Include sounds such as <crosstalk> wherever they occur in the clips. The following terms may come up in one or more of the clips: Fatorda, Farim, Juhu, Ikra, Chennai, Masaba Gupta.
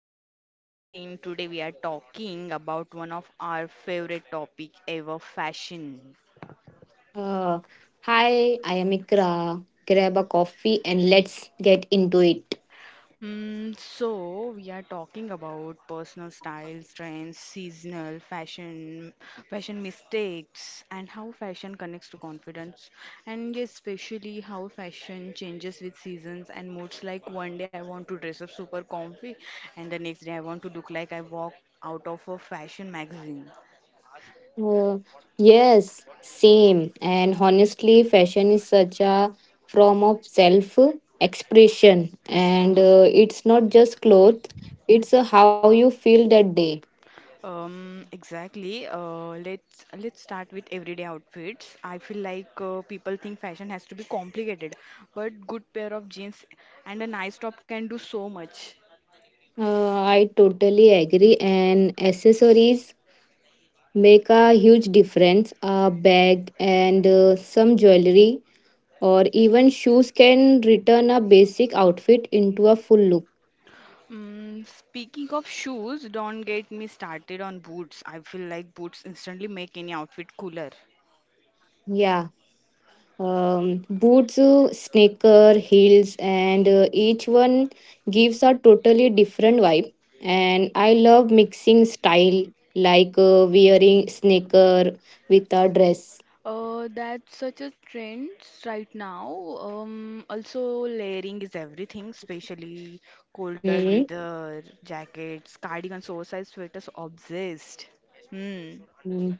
podcast. I'm Farim. Today we are talking about one of our favorite topic ever, fashion. Uh, Hi, I am Ikra. Grab a coffee and let's get into it. So we are talking about personal styles, trends, seasonal fashion, fashion mistakes, and how fashion connects to confidence, and yes, especially how fashion changes with seasons and moods. Like one day I want to dress up super comfy, and the next day I want to look like I walk out of a fashion magazine. Uh, yes, same. And honestly, fashion is such a form of self expression, and it's not just clothes, it's how you feel that day. Exactly. Let's start with everyday outfits. I feel like people think fashion has to be complicated, but good pair of jeans and a nice top can do so much. I totally agree, and accessories make a huge difference. A bag and some jewelry or even shoes can return a basic outfit into a full look. Speaking of shoes, don't get me started on boots. I feel like boots instantly make any outfit cooler. Yeah. Boots, sneaker, heels, and each one gives a totally different vibe, and I love mixing style, like wearing sneaker with a dress. That's such a trend right now. Also, layering is everything, especially colder Mhm. weather, jackets, cardigans, oversized sweaters, obsessed. Hmm. Mm.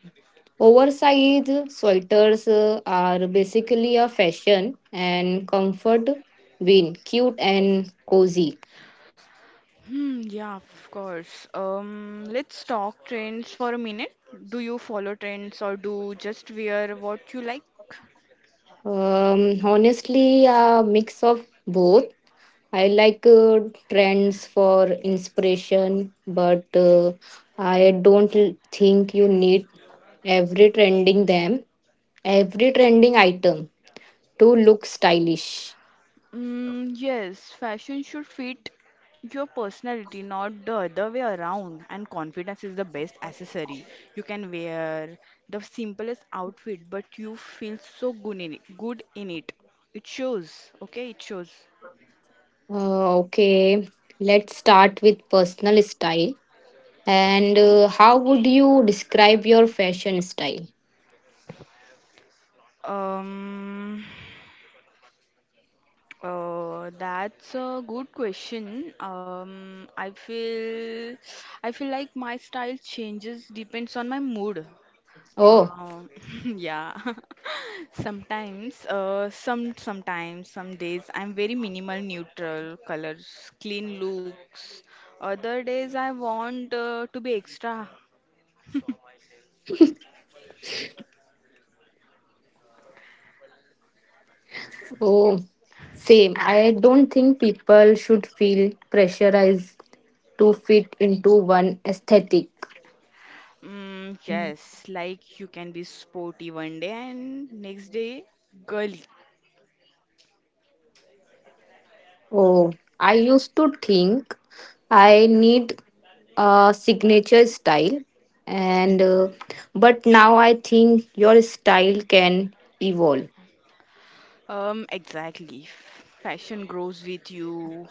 Oversized sweaters are basically a fashion and comfort, being cute and cozy. Hmm, yeah, of course. Let's talk trends for a minute. Do you follow trends or do just wear what you like? Honestly, a mix of both. I like trends for inspiration, but I don't think you need every trending them, every trending item to look stylish. Mm, yes, fashion should fit your personality, not the other way around. And confidence is the best accessory. You can wear the simplest outfit, but you feel so good in it. Good in it. It shows. Okay, it shows. Okay, let's start with personal style. And how would you describe your fashion style? Um, that's a good question. I feel like my style changes depends on my mood. Oh. Um, <laughs> yeah. <laughs> Some days I'm very minimal neutral colors, clean looks. Other days I want to be extra. Oh, same. I don't think people should feel pressurized to fit into one aesthetic. Mm, yes, like you can be sporty one day and next day girly. Oh, I used to think I need a signature style and but now I think your style can evolve. Exactly. Fashion grows with you.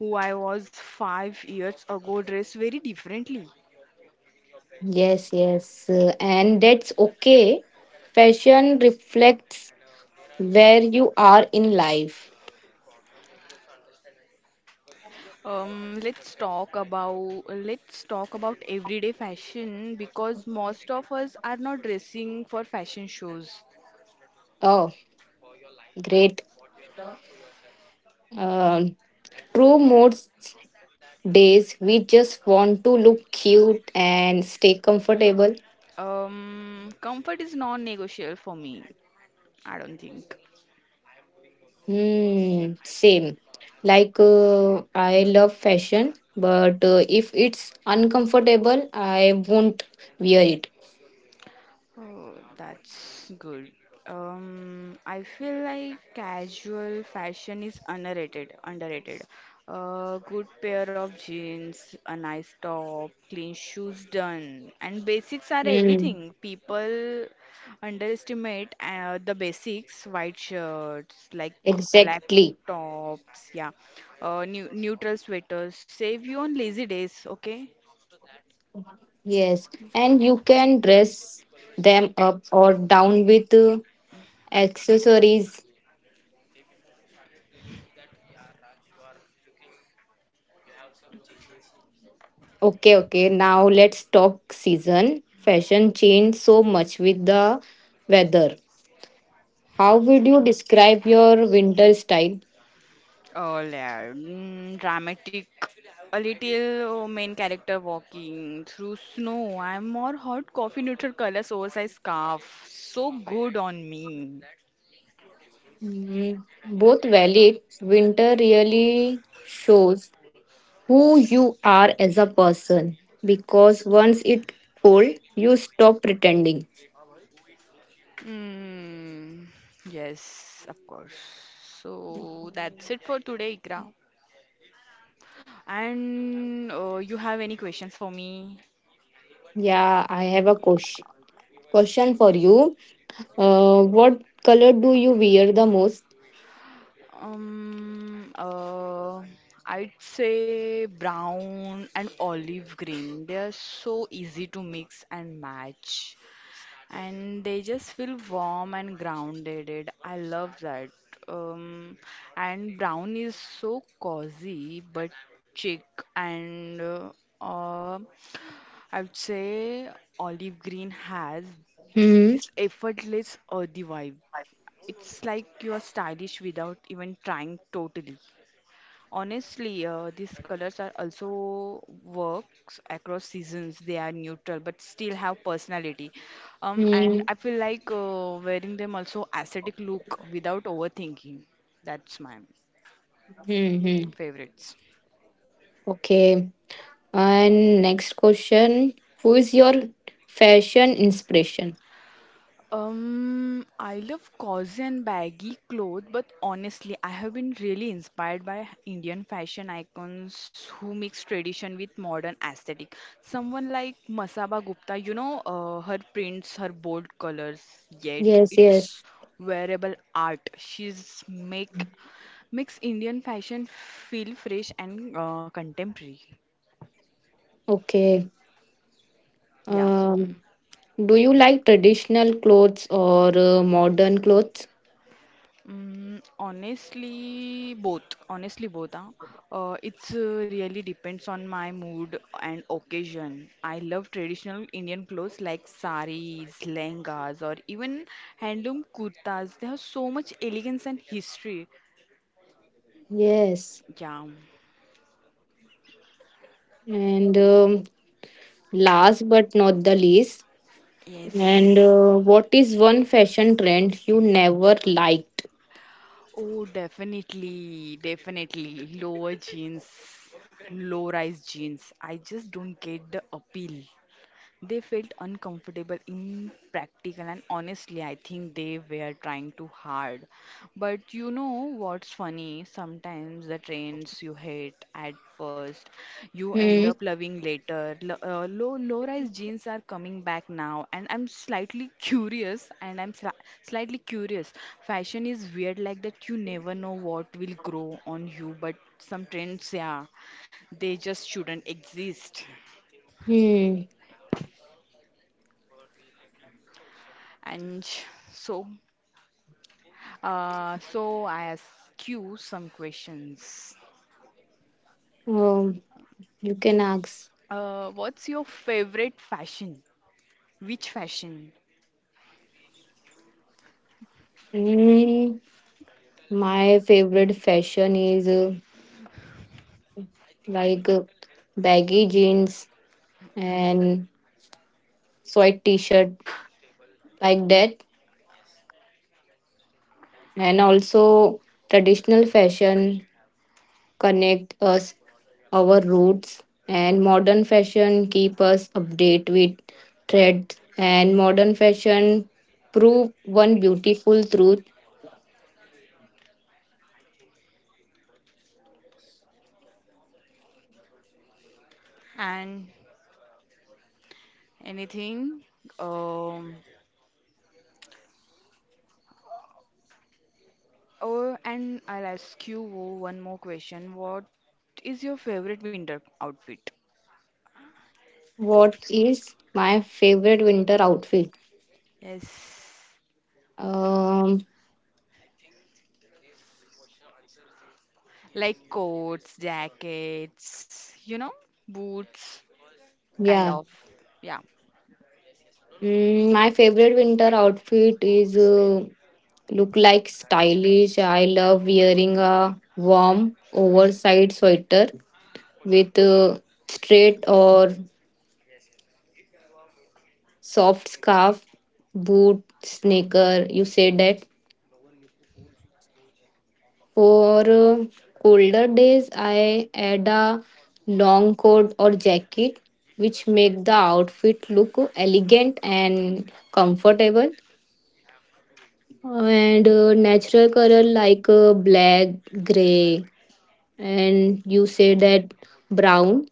Who I was 5 years ago dressed very differently. Yes, yes, and that's okay. Fashion reflects where you are in life. Let's talk about everyday fashion because most of us are not dressing for fashion shows. Oh, great. Um, true, most days we just want to look cute and stay comfortable. Comfort is non-negotiable for me. I don't think. Hmm, same. Like I love fashion, but if it's uncomfortable, I won't wear it. Oh, that's good. I feel like casual fashion is underrated. A good pair of jeans, a nice top, clean shoes done, and basics are Hmm, everything. People underestimate the basics, white shirts, like exactly. black tops, yeah, neutral sweaters. Save you on lazy days, okay? Yes, and you can dress them up or down with accessories. Okay, okay. Now let's talk season. Fashion changed so much with the weather. How would you describe your winter style? Oh, yeah. Dramatic. A little main character walking through snow. I'm more hot coffee neutral colors, oversized scarf. So good on me. Mm, both valid. Winter really shows who you are as a person, because once it's cold, you stop pretending. Mm, yes, of course. So that's it for today, Ikra. And you have any questions for me? Yeah, I have a question for you. What color do you wear the most? Um, uh, I'd say brown and olive green. They are so easy to mix and match. And they just feel warm and grounded. It- I love that. Um, and brown is so cozy but chic and uh, uh, I would say olive green has Hmm. this effortless earthy vibe. It's like you are stylish without even trying totally. Honestly, these colors are also works across seasons. They are neutral but still have personality. And Hmm. I feel like wearing them also aesthetic look without overthinking. That's my Hmm. Hmm. favorites. Okay. And next question: who is your fashion inspiration? I love cozy and baggy clothes, but honestly, I have been really inspired by Indian fashion icons who mix tradition with modern aesthetic. Someone like Masaba Gupta, her prints, her bold colors, yet Yes, it's yes. wearable art. She's makes Indian fashion feel fresh and contemporary. Okay. Yeah. Um, do you like traditional clothes or modern clothes? Honestly, both. Honestly, both. Huh? It's really depends on my mood and occasion. I love traditional Indian clothes like saris, lehengas, or even handloom kurtas. They have so much elegance and history. Yes. Yeah. And last but not the least, and Yes. What is one fashion trend you never liked? Oh, definitely, definitely. Low-rise jeans. I just don't get the appeal. They felt uncomfortable, impractical, and honestly, I think they were trying too hard. But you know what's funny? Sometimes the trends you hate at first, you end Hmm. up loving later. Low rise jeans are coming back now, and I'm slightly curious, and I'm slightly curious. Fashion is weird like that. You never know what will grow on you, but some trends, yeah, they just shouldn't exist. Hmm. And so. So I ask you some questions. Um, you can ask. What's your favorite fashion? Which fashion? Hmm. My favorite fashion is like baggy jeans and sweat t-shirt, like that, and also traditional fashion connect us our roots, and modern fashion keep us update with trends, and modern fashion prove one beautiful truth. And anything? Um, oh, and I'll ask you one more question. What is your favorite winter outfit? What is my favorite winter outfit? Yes, Um, like coats, jackets, boots, kind yeah. of. Yeah. Mm, my favorite winter outfit is look like stylish. I love wearing a warm, oversized sweater with a straight or soft scarf, boot, sneaker. You say that. For colder days, I add a long coat or jacket, which make the outfit look elegant and comfortable. And natural color like black, gray, and you say that, brown.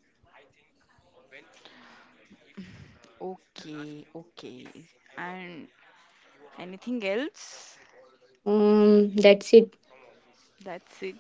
Okay, okay. And anything else? That's it. That's it.